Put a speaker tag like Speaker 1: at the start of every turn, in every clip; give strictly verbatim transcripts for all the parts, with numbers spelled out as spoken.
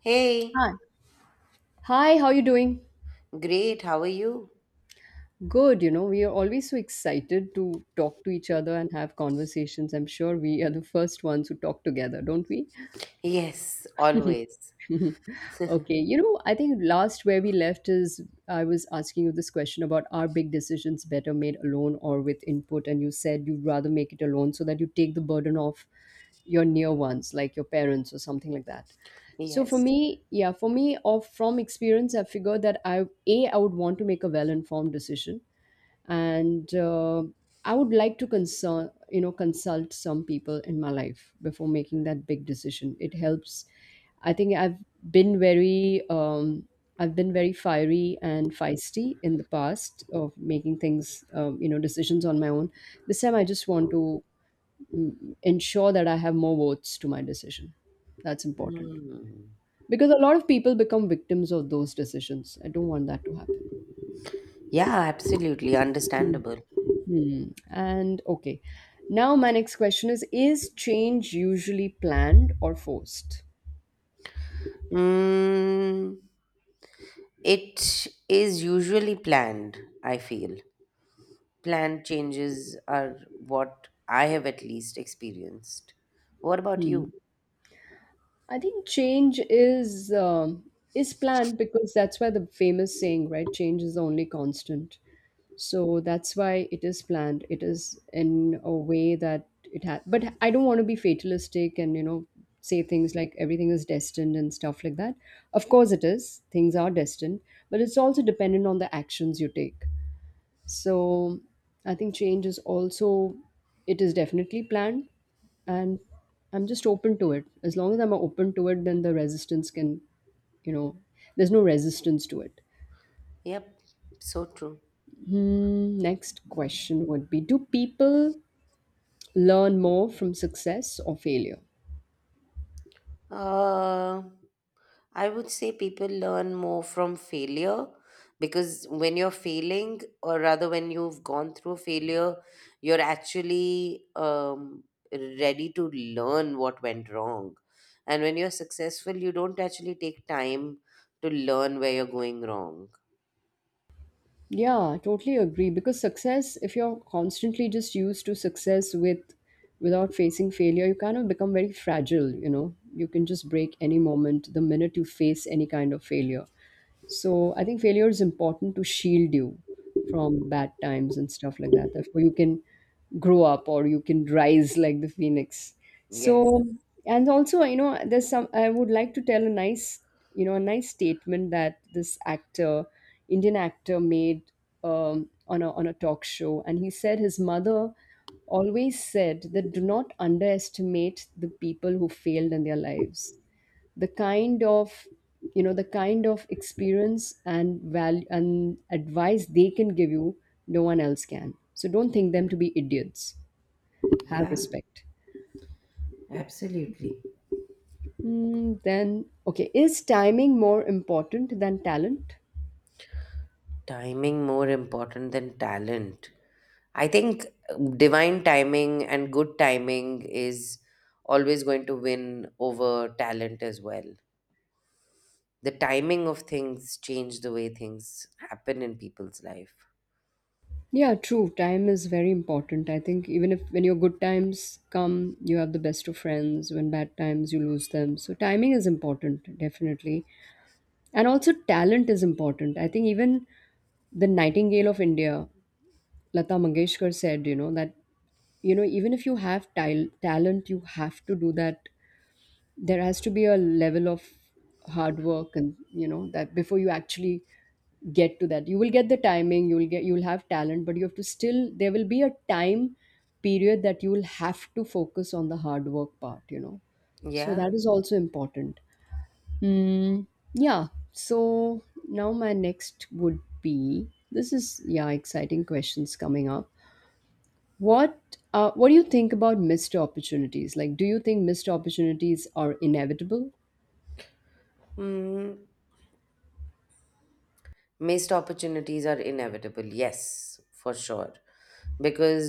Speaker 1: Hey,
Speaker 2: Hi. Hi, how you doing?
Speaker 1: great. How are you?
Speaker 2: Good, you know, we are always so excited to talk to each other and have conversations. I'm sure we are the first ones who talk together, don't we?
Speaker 1: Yes, always.
Speaker 2: Okay. You know, I think last where we left is I was asking you this question about, are big decisions better made alone or with input? And you said you'd rather make it alone so that you take the burden off your near ones, like your parents or something like that. So for
Speaker 1: Yes.
Speaker 2: me, yeah, for me, of from experience, I figured that I a I would want to make a well-informed decision and uh, I would like to consult, you know, consult some people in my life before making that big decision. It helps. I think i've been very um, I've been very fiery and feisty in the past of making things, um, you know, decisions on my own. This time I just want to mm, ensure that I have more votes to my decision. That's important,
Speaker 1: Hmm.
Speaker 2: because a lot of people become victims of those decisions. I don't want that to happen.
Speaker 1: Yeah, absolutely. Understandable.
Speaker 2: Hmm. And okay. Now my next question is is change usually planned or forced?
Speaker 1: Mm, it is usually planned, I feel. Planned changes are what I have at least experienced. What about
Speaker 2: Hmm.
Speaker 1: you?
Speaker 2: I think change is um, is planned, because that's why the famous saying, right? Change is the only constant. So that's why it is planned. It is in a way that it has. But I don't want to be fatalistic and, you know, say things like everything is destined and stuff like that. Of course, it is. Things are destined, but it's also dependent on the actions you take. So I think change is also, it is definitely planned, and I'm just open to it. As long as I'm open to it, then the resistance can, you know, there's no resistance to it.
Speaker 1: Yep, so true.
Speaker 2: Hmm, next question would be, do people learn more from success or failure?
Speaker 1: Uh, I would say people learn more from failure because when you're failing, or rather when you've gone through a failure, you're actually um, ready to learn what went wrong. And when you're successful, you don't actually take time to learn where you're going wrong.
Speaker 2: Yeah, totally agree. Because success, if you're constantly just used to success with without facing failure, you kind of become very fragile, you know. You can just break any moment the minute you face any kind of failure. So I think failure is important to shield you from bad times and stuff like that. Therefore, you can grow up or you can rise like the phoenix.
Speaker 1: Yes.
Speaker 2: So, and also, you know, there's some, I would like to tell a nice, you know, a nice statement that this actor, Indian actor, made um, on, a, on a talk show. And he said his mother always said that, do not underestimate the people who failed in their lives. The kind of, you know, the kind of experience and value and advice they can give you, no one else can. So don't think them to be idiots. Have
Speaker 1: Yeah,
Speaker 2: respect.
Speaker 1: absolutely.
Speaker 2: Hmm, then okay, is timing more important than talent?
Speaker 1: Timing more important than talent. I think uh, divine timing and good timing is always going to win over talent as well. The timing of things change the way things happen in people's life.
Speaker 2: Yeah, true. Time is very important. I think even if when your good times come, you have the best of friends. When bad times, you lose them. So timing is important, definitely. And also talent is important. I think even the nightingale of India, Lata Mangeshkar said, you know, that, you know, even if you have tal- talent, you have to do that. There has to be a level of hard work and, you know, that before you actually get to that. You will get the timing, you will get, you will have talent, but you have to still, there will be a time period that you will have to focus on the hard work part, you know. So
Speaker 1: Yeah.
Speaker 2: that is also important. Mm, yeah. So now my next would be, this is, yeah, exciting questions coming up. What uh, what do you think about missed opportunities? Like, do you think missed opportunities are inevitable?
Speaker 1: Mm, missed opportunities are inevitable. Yes, for sure. Because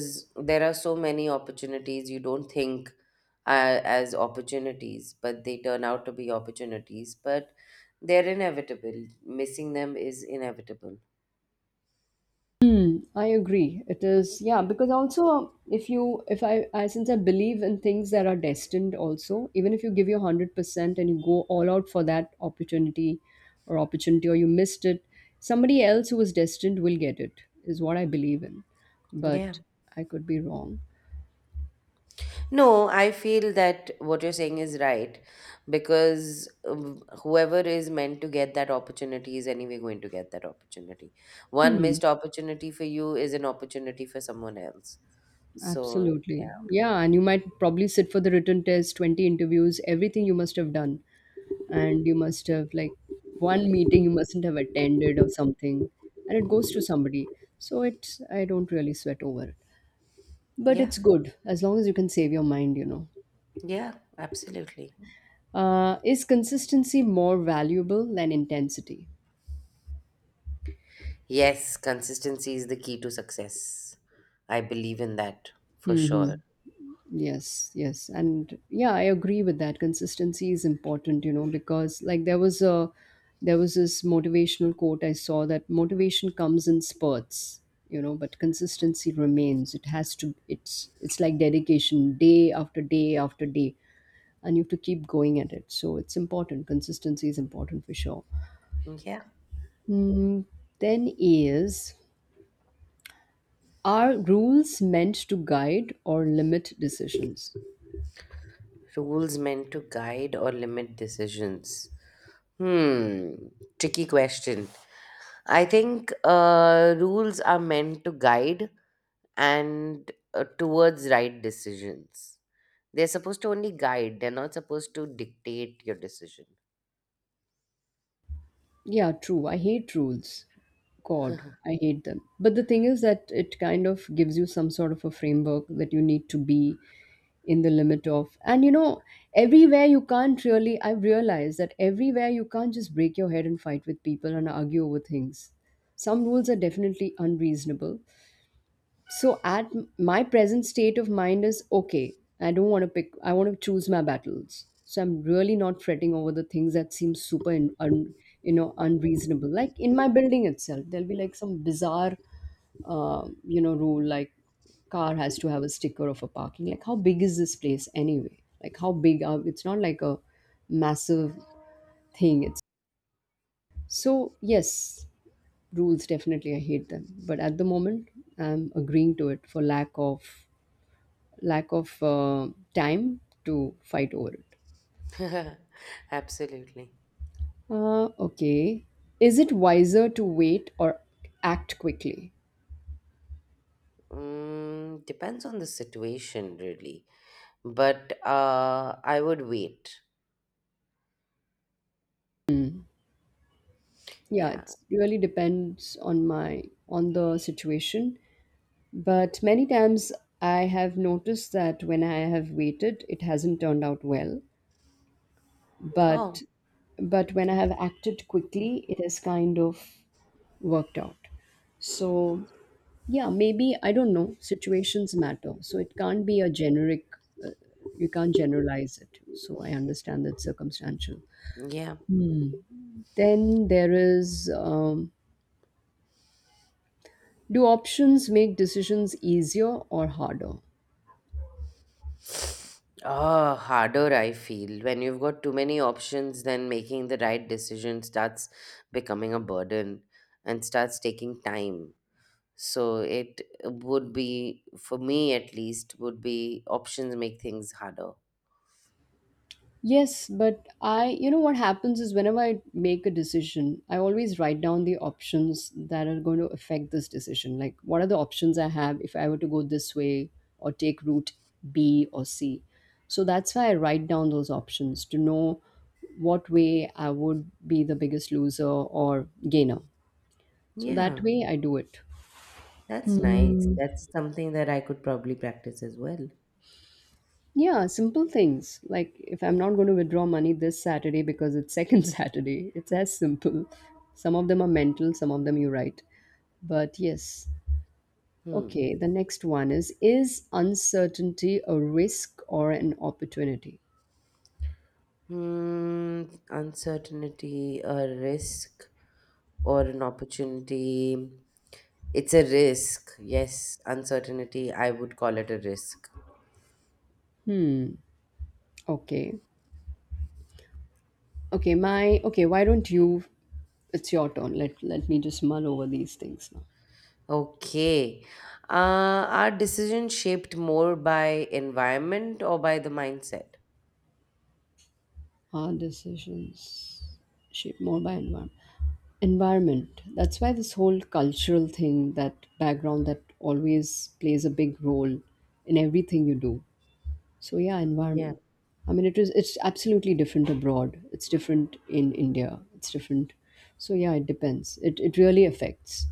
Speaker 1: there are so many opportunities you don't think uh, as opportunities, but they turn out to be opportunities. But they're inevitable. Missing them is inevitable.
Speaker 2: Hmm, I agree. It is, yeah, because also if you, if I, I, since I believe in things that are destined also, even if you give your one hundred percent and you go all out for that opportunity or opportunity or you missed it, somebody else who was destined will get it, is what I believe in.
Speaker 1: Yeah.
Speaker 2: But I could be wrong.
Speaker 1: No, I feel that what you're saying is right because um, whoever is meant to get that opportunity is anyway going to get that opportunity. One
Speaker 2: Hmm.
Speaker 1: missed opportunity for you is an opportunity for someone else. So, yeah.
Speaker 2: Absolutely. Yeah, and you might probably sit for the written test, twenty interviews, everything you must have done. And you must have like one meeting you mustn't have attended or something. And it goes to somebody. So it's, I don't really sweat over it. But
Speaker 1: Yeah.
Speaker 2: it's good as long as you can save your mind, you know.
Speaker 1: Yeah. Absolutely.
Speaker 2: Uh, is consistency more valuable than intensity?
Speaker 1: Yes, consistency is the key to success. I believe in that for
Speaker 2: Hmm.
Speaker 1: sure.
Speaker 2: Yes, yes. And yeah, I agree with that. Consistency is important, you know, because like there was a there was this motivational quote I saw, that motivation comes in spurts, you know, but consistency remains. It has to, it's it's like dedication day after day after day, and you have to keep going at it. So it's important. Consistency is important for sure.
Speaker 1: Yeah.
Speaker 2: Mm, then is, are rules meant to guide or limit decisions?
Speaker 1: Rules meant to guide or limit decisions. Hmm. Tricky question. I think uh, rules are meant to guide and uh, towards right decisions. They're supposed to only guide, they're not supposed to dictate your decision.
Speaker 2: Yeah, true. I hate rules. God, I hate them. But the thing is that it kind of gives you some sort of a framework that you need to be in the limit of. And you know, everywhere you can't really, I've realized that everywhere you can't just break your head and fight with people and argue over things. Some rules are definitely unreasonable, so at m- my present state of mind is okay. I don't want to pick. I want to choose my battles. So I'm really not fretting over the things that seem super, in, un, you know, unreasonable. Like in my building itself, there'll be like some bizarre, uh, you know, rule like car has to have a sticker of a parking. Like how big is this place anyway? Like how big are? It's not like a massive thing. It's so yes, rules definitely. I hate them, but at the moment, I'm agreeing to it for lack of lack of uh, time to fight over it.
Speaker 1: Absolutely.
Speaker 2: Uh, okay. Is it wiser to wait or act quickly?
Speaker 1: Mm, depends on the situation, really. But uh, I would wait.
Speaker 2: Yeah,
Speaker 1: Yeah.
Speaker 2: it really depends on my on the situation. But many times I have noticed that when I have waited, it hasn't turned out well.
Speaker 1: Oh,
Speaker 2: But but when I have acted quickly, it has kind of worked out. So, yeah, maybe, I don't know, situations matter. So, it can't be a generic, uh, you can't generalize it. So, I understand that circumstantial.
Speaker 1: yeah.
Speaker 2: Then there is um, do options make decisions easier or harder?
Speaker 1: Oh, harder I feel. When you've got too many options, then making the right decision starts becoming a burden and starts taking time. So it would be, for me at least, would be options make things harder.
Speaker 2: Yes, but I, you know, what happens is, whenever I make a decision, I always write down the options that are going to affect this decision. Like, what are the options I have if I were to go this way or take route B or C? So that's why I write down those options, to know what way I would be the biggest loser or gainer. So that
Speaker 1: Yeah,
Speaker 2: way I do it.
Speaker 1: that's nice. That's something that I could probably practice as well.
Speaker 2: Yeah, simple things. Like if I'm not going to withdraw money this Saturday because it's second Saturday, it's as simple. Some of them are mental, some of them you write. But yes.
Speaker 1: Hmm.
Speaker 2: Okay, the next one is Is uncertainty a risk or an opportunity?
Speaker 1: Hmm, uncertainty, a risk, or an opportunity. It's a risk. Yes, uncertainty, I would call it a risk.
Speaker 2: Hmm. Okay. Okay, my okay, why don't you, it's your turn. Let let me just mull over these things now.
Speaker 1: Okay. Uh, are decisions shaped more by environment or by the mindset?
Speaker 2: Hard decisions shaped more by environment. Environment, that's why this whole cultural thing, that background, that always plays a big role in everything you do. So yeah,
Speaker 1: Yeah.
Speaker 2: environment. I mean it is, it's absolutely different abroad, it's different in India, it's different. So yeah, it depends. It, it really affects.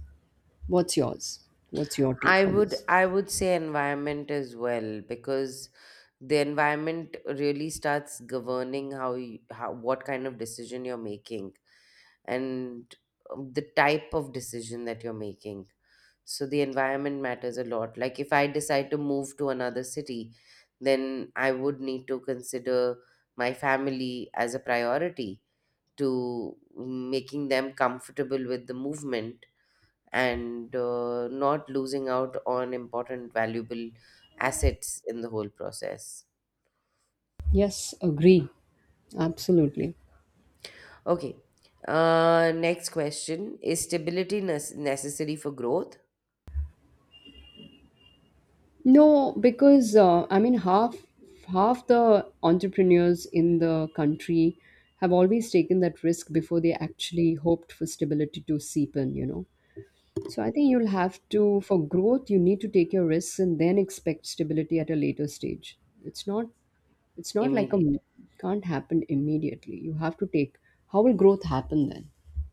Speaker 2: What's yours? What's your
Speaker 1: I
Speaker 2: take on
Speaker 1: would
Speaker 2: this?
Speaker 1: I would say environment as well because the environment really starts governing how you, how what kind of decision you're making. And um, the type of decision that you're making. So the environment matters a lot. Like if I decide to move to another city, then I would need to consider my family as a priority to making them comfortable with the movement and uh, not losing out on important, valuable assets in the whole process.
Speaker 2: Yes, agree, absolutely.
Speaker 1: Okay. Uh, next question. Is stability nes- necessary for growth?
Speaker 2: No, because uh, I mean half half the entrepreneurs in the country have always taken that risk before they actually hoped for stability to seep in, you know. So I think you'll have to, for growth you need to take your risks and then expect stability at a later stage. It's not, it's not like a,
Speaker 1: Immediately.
Speaker 2: can't happen immediately. You have to take. How will growth happen then?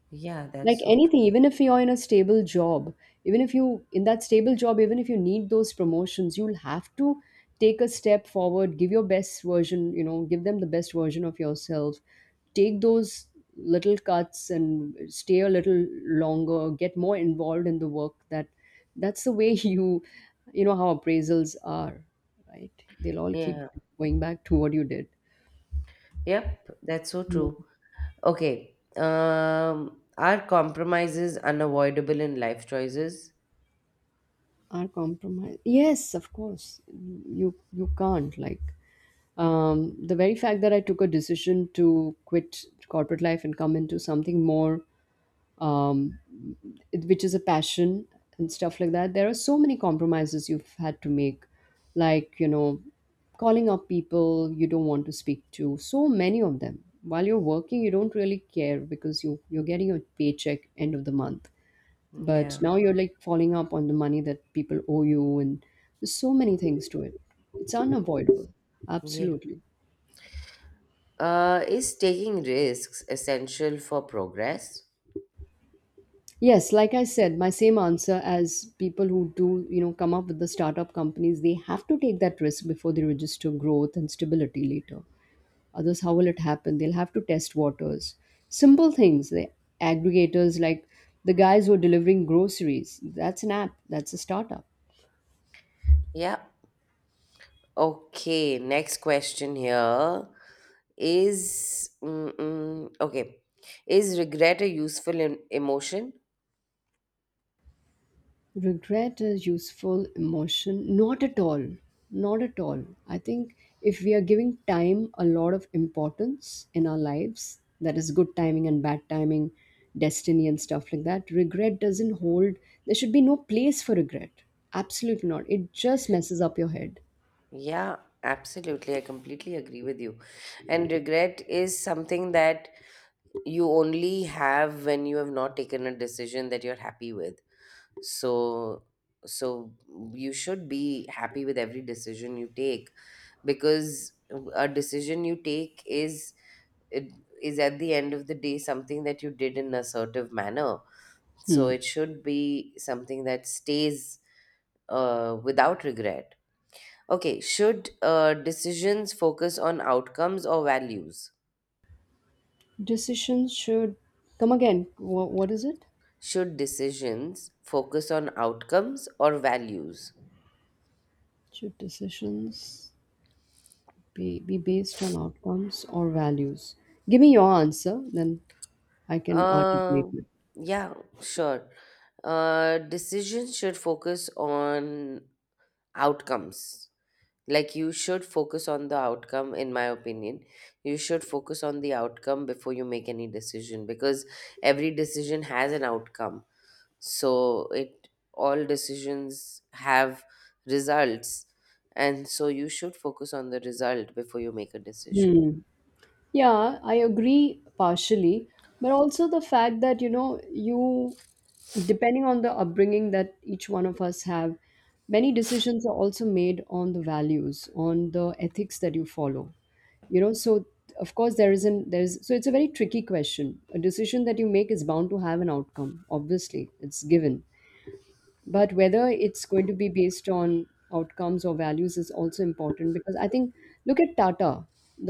Speaker 1: Yeah,
Speaker 2: Like
Speaker 1: that's so true.
Speaker 2: anything, even if you're in a stable job, even if you in that stable job, even if you need those promotions, you'll have to take a step forward, give your best version, you know, give them the best version of yourself, take those little cuts and stay a little longer, get more involved in the work that, that's the way you you know how appraisals are, right? They'll all keep
Speaker 1: Yeah.
Speaker 2: going back to what you did.
Speaker 1: Yep, that's so
Speaker 2: Mm.
Speaker 1: true. Okay. Um, are compromises unavoidable in life choices?
Speaker 2: Are compromised, yes, of course. You you can't like, um, the very fact that I took a decision to quit corporate life and come into something more, um, it- which is a passion and stuff like that, there are so many compromises you've had to make, like, you know, calling up people you don't want to speak to, so many of them. While you're working, you don't really care because you, you're getting your paycheck end of the month. But
Speaker 1: Yeah.
Speaker 2: now you're like falling up on the money that people owe you, and there's so many things to it. It's unavoidable.
Speaker 1: Yeah.
Speaker 2: Absolutely.
Speaker 1: Uh, is taking risks essential for progress?
Speaker 2: Yes, like I said, my same answer as people who do, you know, come up with the startup companies, they have to take that risk before they register growth and stability later. Others, how will it happen? They'll have to test waters. Simple things, the aggregators like the guys who are delivering groceries, that's an app, that's a startup.
Speaker 1: Yeah. Okay. Next question here is mm, mm, okay. Is regret a useful em- emotion?
Speaker 2: Regret a useful emotion? Not at all. Not at all. I think if we are giving time a lot of importance in our lives, that is good timing and bad timing, destiny and stuff like that. Regret doesn't hold. There should be no place for regret. Absolutely not, it just messes up your head.
Speaker 1: Yeah, absolutely. I completely agree with you. And regret is something that you only have when you have not taken a decision that you're happy with, so so you should be happy with every decision you take, because a decision you take is, it is at the end of the day something that you did in an assertive manner, so
Speaker 2: Hmm.
Speaker 1: it should be something that stays uh, without regret. Okay, should uh, decisions focus on outcomes or values?
Speaker 2: Decisions should, come again, what, what is it?
Speaker 1: Should decisions focus on outcomes or values?
Speaker 2: Should decisions be, be based on outcomes or values? Give me your answer then, I can articulate
Speaker 1: Um,
Speaker 2: it.
Speaker 1: yeah, sure. Uh, decisions should focus on outcomes. Like you should focus on the outcome, in my opinion. You should focus on the outcome before you make any decision because every decision has an outcome. So it, all decisions have results, and so you should focus on the result before you make a decision.
Speaker 2: Hmm. Yeah, I agree partially, but also the fact that you know you, depending on the upbringing that each one of us have, many decisions are also made on the values, on the ethics that you follow. You know, so of course there isn't there's so it's a very tricky question. A decision that you make is bound to have an outcome. Obviously, it's given, but whether it's going to be based on outcomes or values is also important, because I think look at Tata.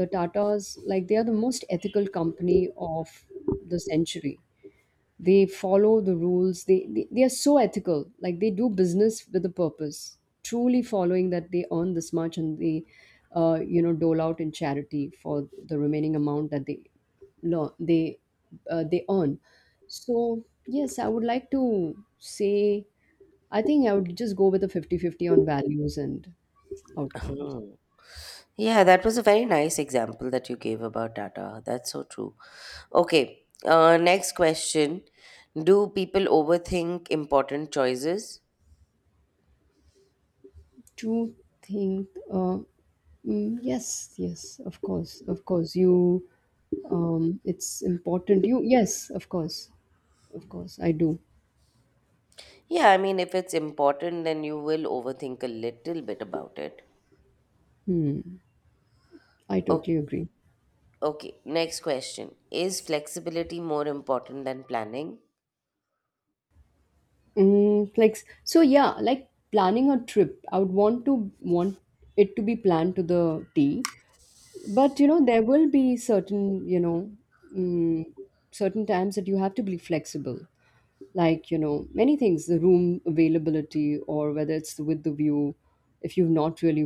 Speaker 2: The Tatas, like, they are the most ethical company of the century. They follow the rules, they, they they are so ethical, like they do business with a purpose, truly following that. They earn this much and they, uh, you know, dole out in charity for the remaining amount that they, no, they, uh, they earn. So yes, I would like to say, I think I would just go with a fifty-fifty on values and outcomes.
Speaker 1: Hmm. Yeah, that was a very nice example that you gave about data. That's so true. Okay, uh, next question. Do people overthink important choices?
Speaker 2: To think, uh, mm, yes, yes, of course, of course you, um it's important, you, yes, of course, of course I do.
Speaker 1: Yeah, I mean, if it's important, then you will overthink a little bit about it.
Speaker 2: Hmm I
Speaker 1: O-
Speaker 2: totally agree.
Speaker 1: okay, next question. Is flexibility more important than planning?
Speaker 2: Mm, like so, yeah, like planning a trip, I would want to want it to be planned to the T. But you know, there will be certain, you know, mm, certain times that you have to be flexible. Like, you know, many things, the room availability or whether it's with the view. If you've not really,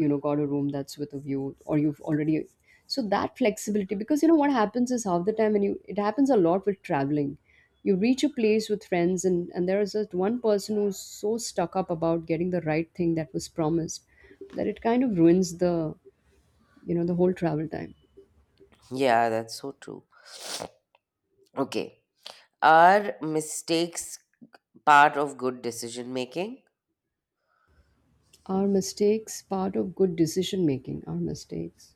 Speaker 2: you know, got a room that's with a view, or you've already, so that flexibility, because you know what happens is, half the time when you, it happens a lot with traveling, you reach a place with friends and and there is just one person who's so stuck up about getting the right thing that was promised, that it kind of ruins the, you know, the whole travel time.
Speaker 1: Yeah, that's so true. Okay, are mistakes part of good decision making?
Speaker 2: Our mistakes part of good decision making? Our mistakes?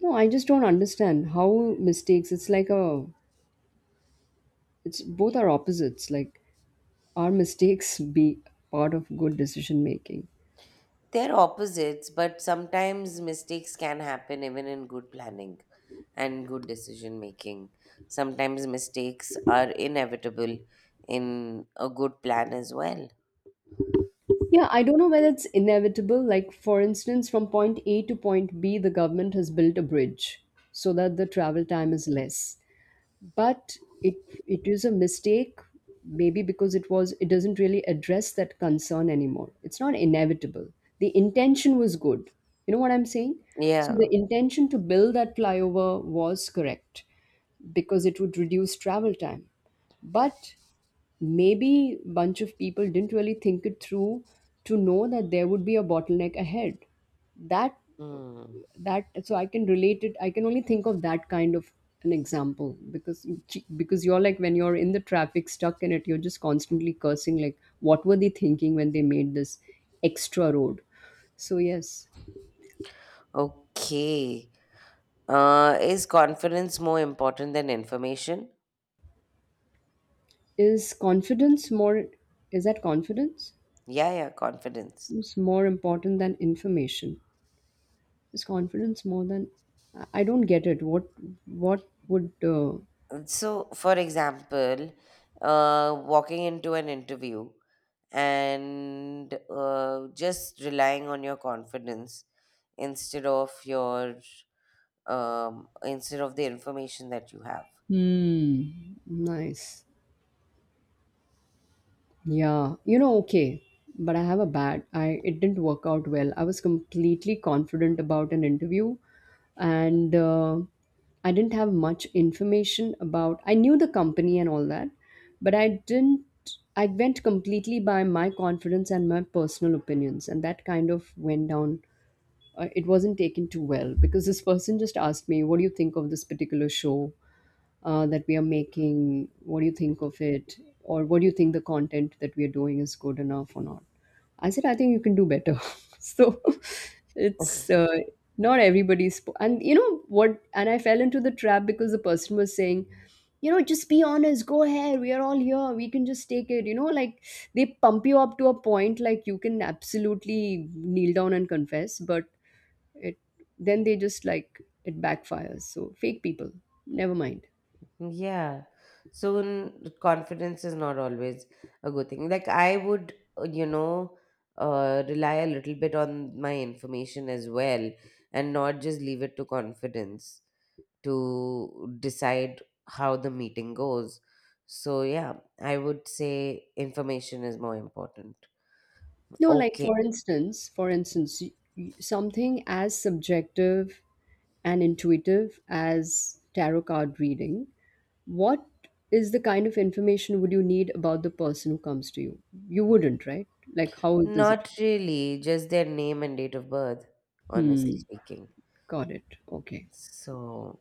Speaker 2: No, I just don't understand how mistakes. It's like a, it's both are opposites. Like, are mistakes be part of good decision making?
Speaker 1: They're opposites, but sometimes mistakes can happen even in good planning and good decision making. Sometimes mistakes are inevitable in a good plan as well.
Speaker 2: Yeah, I don't know whether it's inevitable. Like, for instance, from point A to point B, the government has built a bridge so that the travel time is less. But it it is a mistake, maybe, because it was, it doesn't really address that concern anymore. It's not inevitable. The intention was good, you know what I'm saying? So the
Speaker 1: Yeah.
Speaker 2: intention to build that flyover was correct, because it would reduce travel time, but maybe bunch of people didn't really think it through, to know that there would be a bottleneck ahead. That,
Speaker 1: Hmm.
Speaker 2: that, so I can relate it, I can only think of that kind of an example, because because you're like when you're in the traffic stuck in it, you're just constantly cursing like, what were they thinking when they made this extra road? So yes.
Speaker 1: Okay. Uh, is confidence more important than information?
Speaker 2: Is confidence more, is that confidence,
Speaker 1: Yeah, yeah, confidence.
Speaker 2: is more important than information? Is confidence more than, i I don't get it, what what would uh,
Speaker 1: So, for example, uh, walking into an interview and uh, just relying on your confidence instead of your um, instead of the information that you have.
Speaker 2: hmm nice. Yeah, you know, okay, but I have a bad. I, it didn't work out well. I was completely confident about an interview, and uh, I didn't have much information about. I knew the company and all that, but I didn't. I went completely by my confidence and my personal opinions, and that kind of went down. Uh, it wasn't taken too well, because this person just asked me, "What do you think of this particular show uh, that we are making? What do you think of it? Or what do you think the content that we are doing is good enough or not?" I said, "I think you can do better." So it's uh, not everybody's, po- and you know what? And I fell into the trap because the person was saying. You know, just be honest. Go ahead. We are all here. We can just take it. You know, like they pump you up to a point like you can absolutely kneel down and confess, but it, then they just like it backfires. So fake people. Never mind.
Speaker 1: Yeah. So n- confidence is not always a good thing. Like I would, uh, you know, uh, rely a little bit on my information as well and not just leave it to confidence to decide how the meeting goes. So, yeah, I would say information is more important.
Speaker 2: No, like
Speaker 1: Okay.
Speaker 2: for instance, for instance y- y- something as subjective and intuitive as tarot card reading, what is the kind of information would you need about the person who comes to you? You wouldn't, right? Like, how does it—
Speaker 1: Not really, just their name and date of birth,
Speaker 2: hmm
Speaker 1: honestly speaking.
Speaker 2: got it, okay.
Speaker 1: So,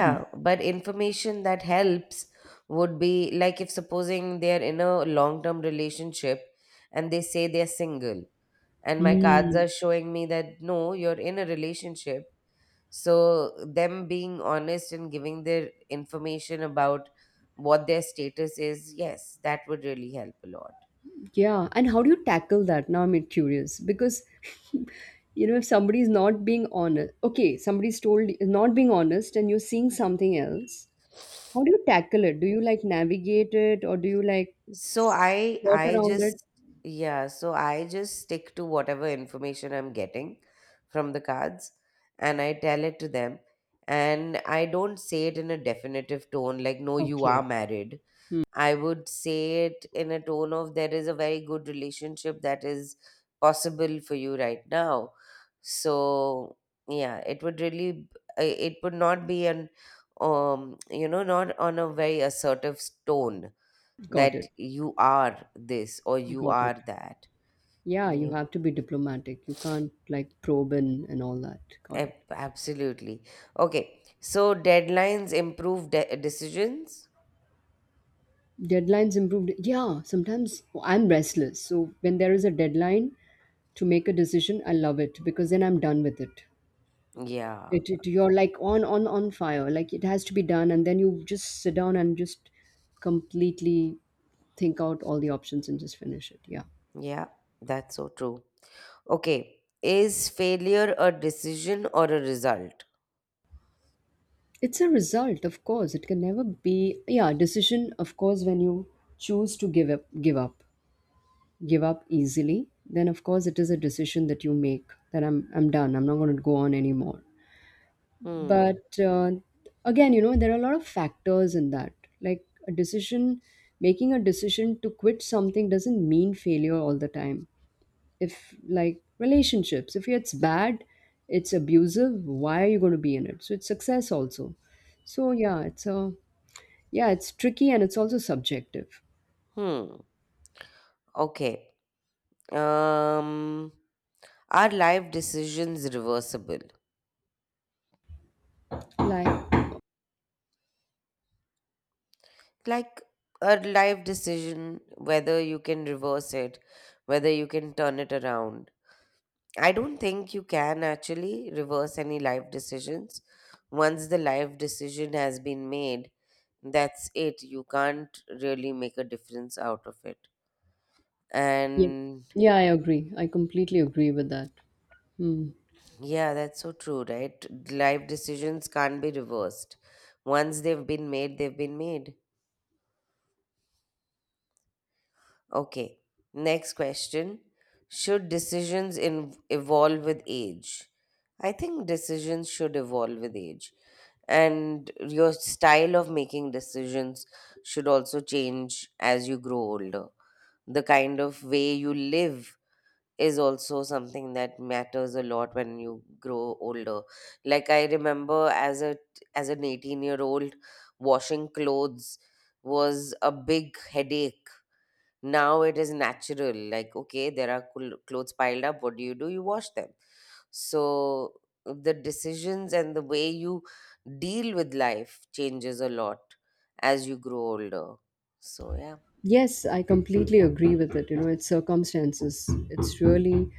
Speaker 2: hmm.
Speaker 1: but information that helps would be like if supposing they're in a long term relationship and they say they're single, and my cards
Speaker 2: Hmm.
Speaker 1: are showing me that no, you're in a relationship. So, them being honest and giving their information about what their status is, yes, that would really help a lot.
Speaker 2: Yeah, and how do you tackle that? Now I'm curious, because, you know, if somebody's not being honest, okay, somebody's told not being honest and you're seeing something else, how do you tackle it? Do you like navigate it or do you like
Speaker 1: So I
Speaker 2: skirt
Speaker 1: I
Speaker 2: around it?
Speaker 1: just, yeah, so I just stick to whatever information I'm getting from the cards and I tell it to them, and I don't say it in a definitive tone like no you are
Speaker 2: Okay,
Speaker 1: married. I would say it in a tone of there is a very good relationship that is possible for you right now. So yeah, it would really b- uh, it would not be an um you know, not on a very assertive s- tone
Speaker 2: got
Speaker 1: that
Speaker 2: it,
Speaker 1: you are this or you
Speaker 2: got it.
Speaker 1: are that.
Speaker 2: Yeah,
Speaker 1: Yeah,
Speaker 2: you have to be diplomatic. You can't like probe in and all that. Got it.
Speaker 1: ab- absolutely. Okay, so deadlines improve de- decisions.
Speaker 2: Deadlines improved. Yeah, sometimes I'm restless. So when there is a deadline to make a decision, I love it, because then I'm done with it.
Speaker 1: Yeah,
Speaker 2: It, it you're like on on on fire. Like it has to be done, and then you just sit down and just completely think out all the options and just finish it. Yeah.
Speaker 1: yeah, that's so true. Okay. Is failure a decision or a result?
Speaker 2: It's a result, of course. It can never be, yeah, decision, of course, when you choose to give up give up. Give up easily, then of course it is a decision that you make, that I'm I'm done. I'm not gonna go on anymore.
Speaker 1: Hmm.
Speaker 2: But uh, again, you know, there are a lot of factors in that. Like a decision, making a decision to quit something doesn't mean failure all the time. If like relationships, if it's bad, it's abusive, why are you going to be in it? So it's success also. So yeah, it's a, yeah, it's tricky and it's also subjective.
Speaker 1: Hmm. Okay. Um, are life decisions reversible?
Speaker 2: Like,
Speaker 1: Like a life decision, whether you can reverse it, whether you can turn it around. I don't think you can actually reverse any life decisions. Once the life decision has been made, that's it. You can't really make a difference out of it.
Speaker 2: yeah,
Speaker 1: And
Speaker 2: yeah, I agree, I completely agree with that. Hmm.
Speaker 1: yeah, that's so true, right? Life decisions can't be reversed. Once they've been made, they've been made. Okay, next question. Should decisions in- evolve with age? I think decisions should evolve with age. And your style of making decisions should also change as you grow older. The kind of way you live is also something that matters a lot when you grow older. Like I remember as a as an eighteen year old, washing clothes was a big headache. Now it is natural, like okay, there are cl- clothes piled up, what do you do? You wash them. So the decisions and the way you deal with life changes a lot as you grow older. So yeah.
Speaker 2: Yes, I completely agree with it. You know, it's circumstances. It's really,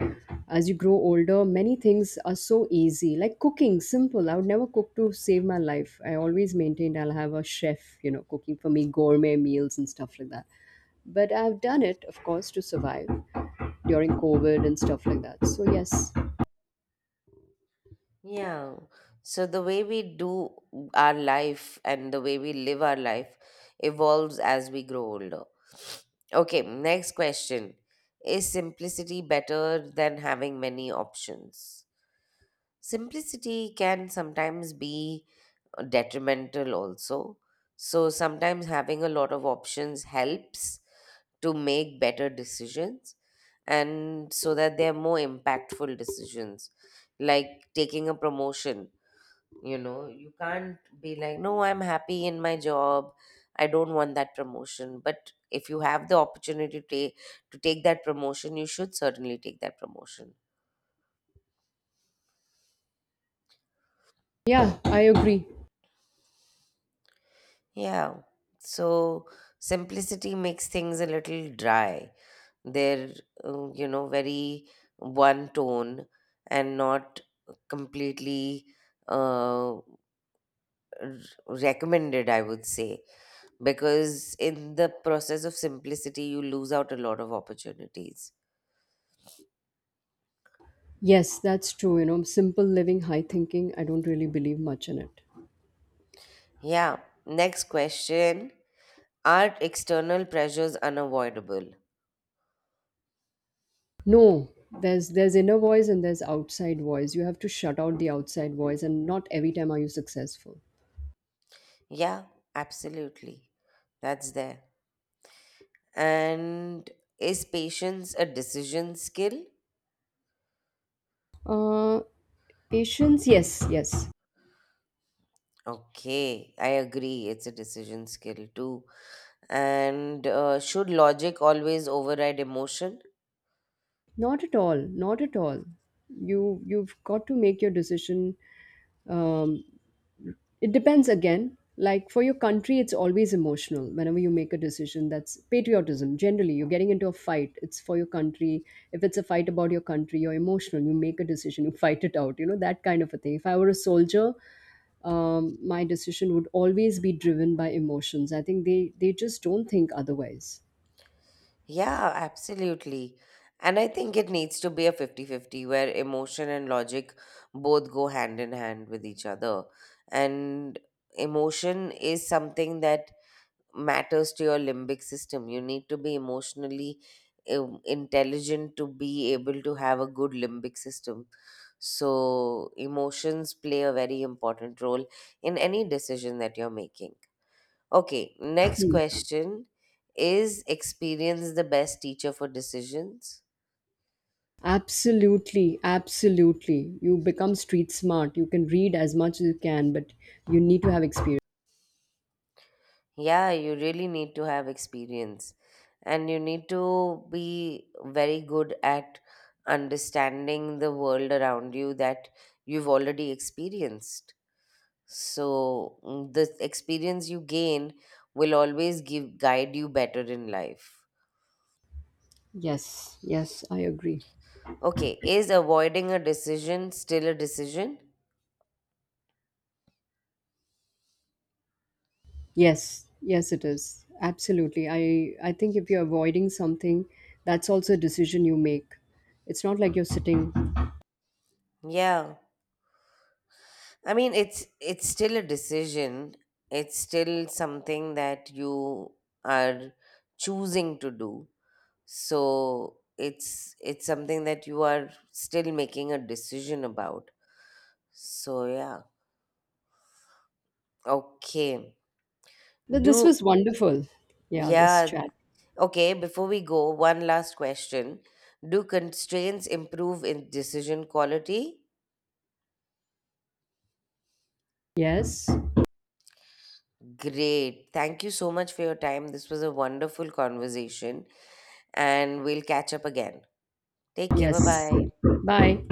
Speaker 2: as you grow older, many things are so easy. Like cooking, simple. I would never cook to save my life. I always maintained I'll have a chef, you know, cooking for me gourmet meals and stuff like that. But I've done it, of course, to survive during COVID and stuff like that. So, yes.
Speaker 1: Yeah. So the way we do our life and the way we live our life evolves as we grow older. Okay, next question. Is simplicity better than having many options? Simplicity can sometimes be detrimental also. So sometimes having a lot of options helps to make better decisions and so that they're more impactful decisions, like taking a promotion. You know, you can't be like no, I'm happy in my job, I don't want that promotion, but if you have the opportunity to take, to take that promotion, you should certainly take that promotion.
Speaker 2: Yeah, I agree.
Speaker 1: Yeah. So simplicity makes things a little dry. They're um, you know, very one tone, and not completely uh, r- recommended, I would say, because in the process of simplicity you lose out a lot of opportunities.
Speaker 2: Yes, that's true. You know, simple living, high thinking. I don't really believe much in it.
Speaker 1: Yeah. Next question, are external pressures unavoidable?
Speaker 2: No, there's there's inner voice and there's outside voice. You have to shut out the outside voice, and not every time are you successful.
Speaker 1: Yeah, absolutely. That's there. And is patience a decision skill?
Speaker 2: Uh, Patience, yes, yes.
Speaker 1: Okay, I agree, it's a decision skill too. And uh, should logic always override emotion?
Speaker 2: Not at all, not at all. You, you've got to make your decision. Um, it depends again. Like for your country, it's always emotional. Whenever you make a decision, that's patriotism. Generally, you're getting into a fight. It's for your country. If it's a fight about your country, you're emotional. You make a decision. You fight it out. You know, that kind of a thing. If I were a soldier, um, my decision would always be driven by emotions. I think they they just don't think otherwise.
Speaker 1: Yeah, absolutely. And I think it needs to be a fifty-fifty where emotion and logic both go hand in hand with each other. And emotion is something that matters to your limbic system. You need to be emotionally um, intelligent to be able to have a good limbic system. So, emotions play a very important role in any decision that you're making. Okay, next
Speaker 2: Hmm.
Speaker 1: question. Is experience the best teacher for decisions?
Speaker 2: Absolutely, absolutely. You become street smart. You can read as much as you can, but you need to have experience.
Speaker 1: Yeah, you really need to have experience and you need to be very good at understanding the world around you that you've already experienced. So, mm, the experience you gain will always give guide you better in life.
Speaker 2: Yes, yes, I agree.
Speaker 1: Okay, is avoiding a decision still a decision?
Speaker 2: Yes, yes, it is absolutely. I I think if you're avoiding something, that's also a decision you make. It's not like you're sitting.
Speaker 1: Yeah. I mean, it's it's still a decision. It's still something that you are choosing to do. So it's it's something that you are still making a decision about. So yeah. Okay.
Speaker 2: But this
Speaker 1: Do
Speaker 2: was wonderful. Yeah, this
Speaker 1: yeah.
Speaker 2: chat.
Speaker 1: Okay, before we go, one last question. Do constraints improve in decision quality?
Speaker 2: Yes,
Speaker 1: Great. Thank you so much for your time. This was a wonderful conversation and we'll catch up again. Take care. Bye
Speaker 2: yes.
Speaker 1: bye.
Speaker 2: Bye.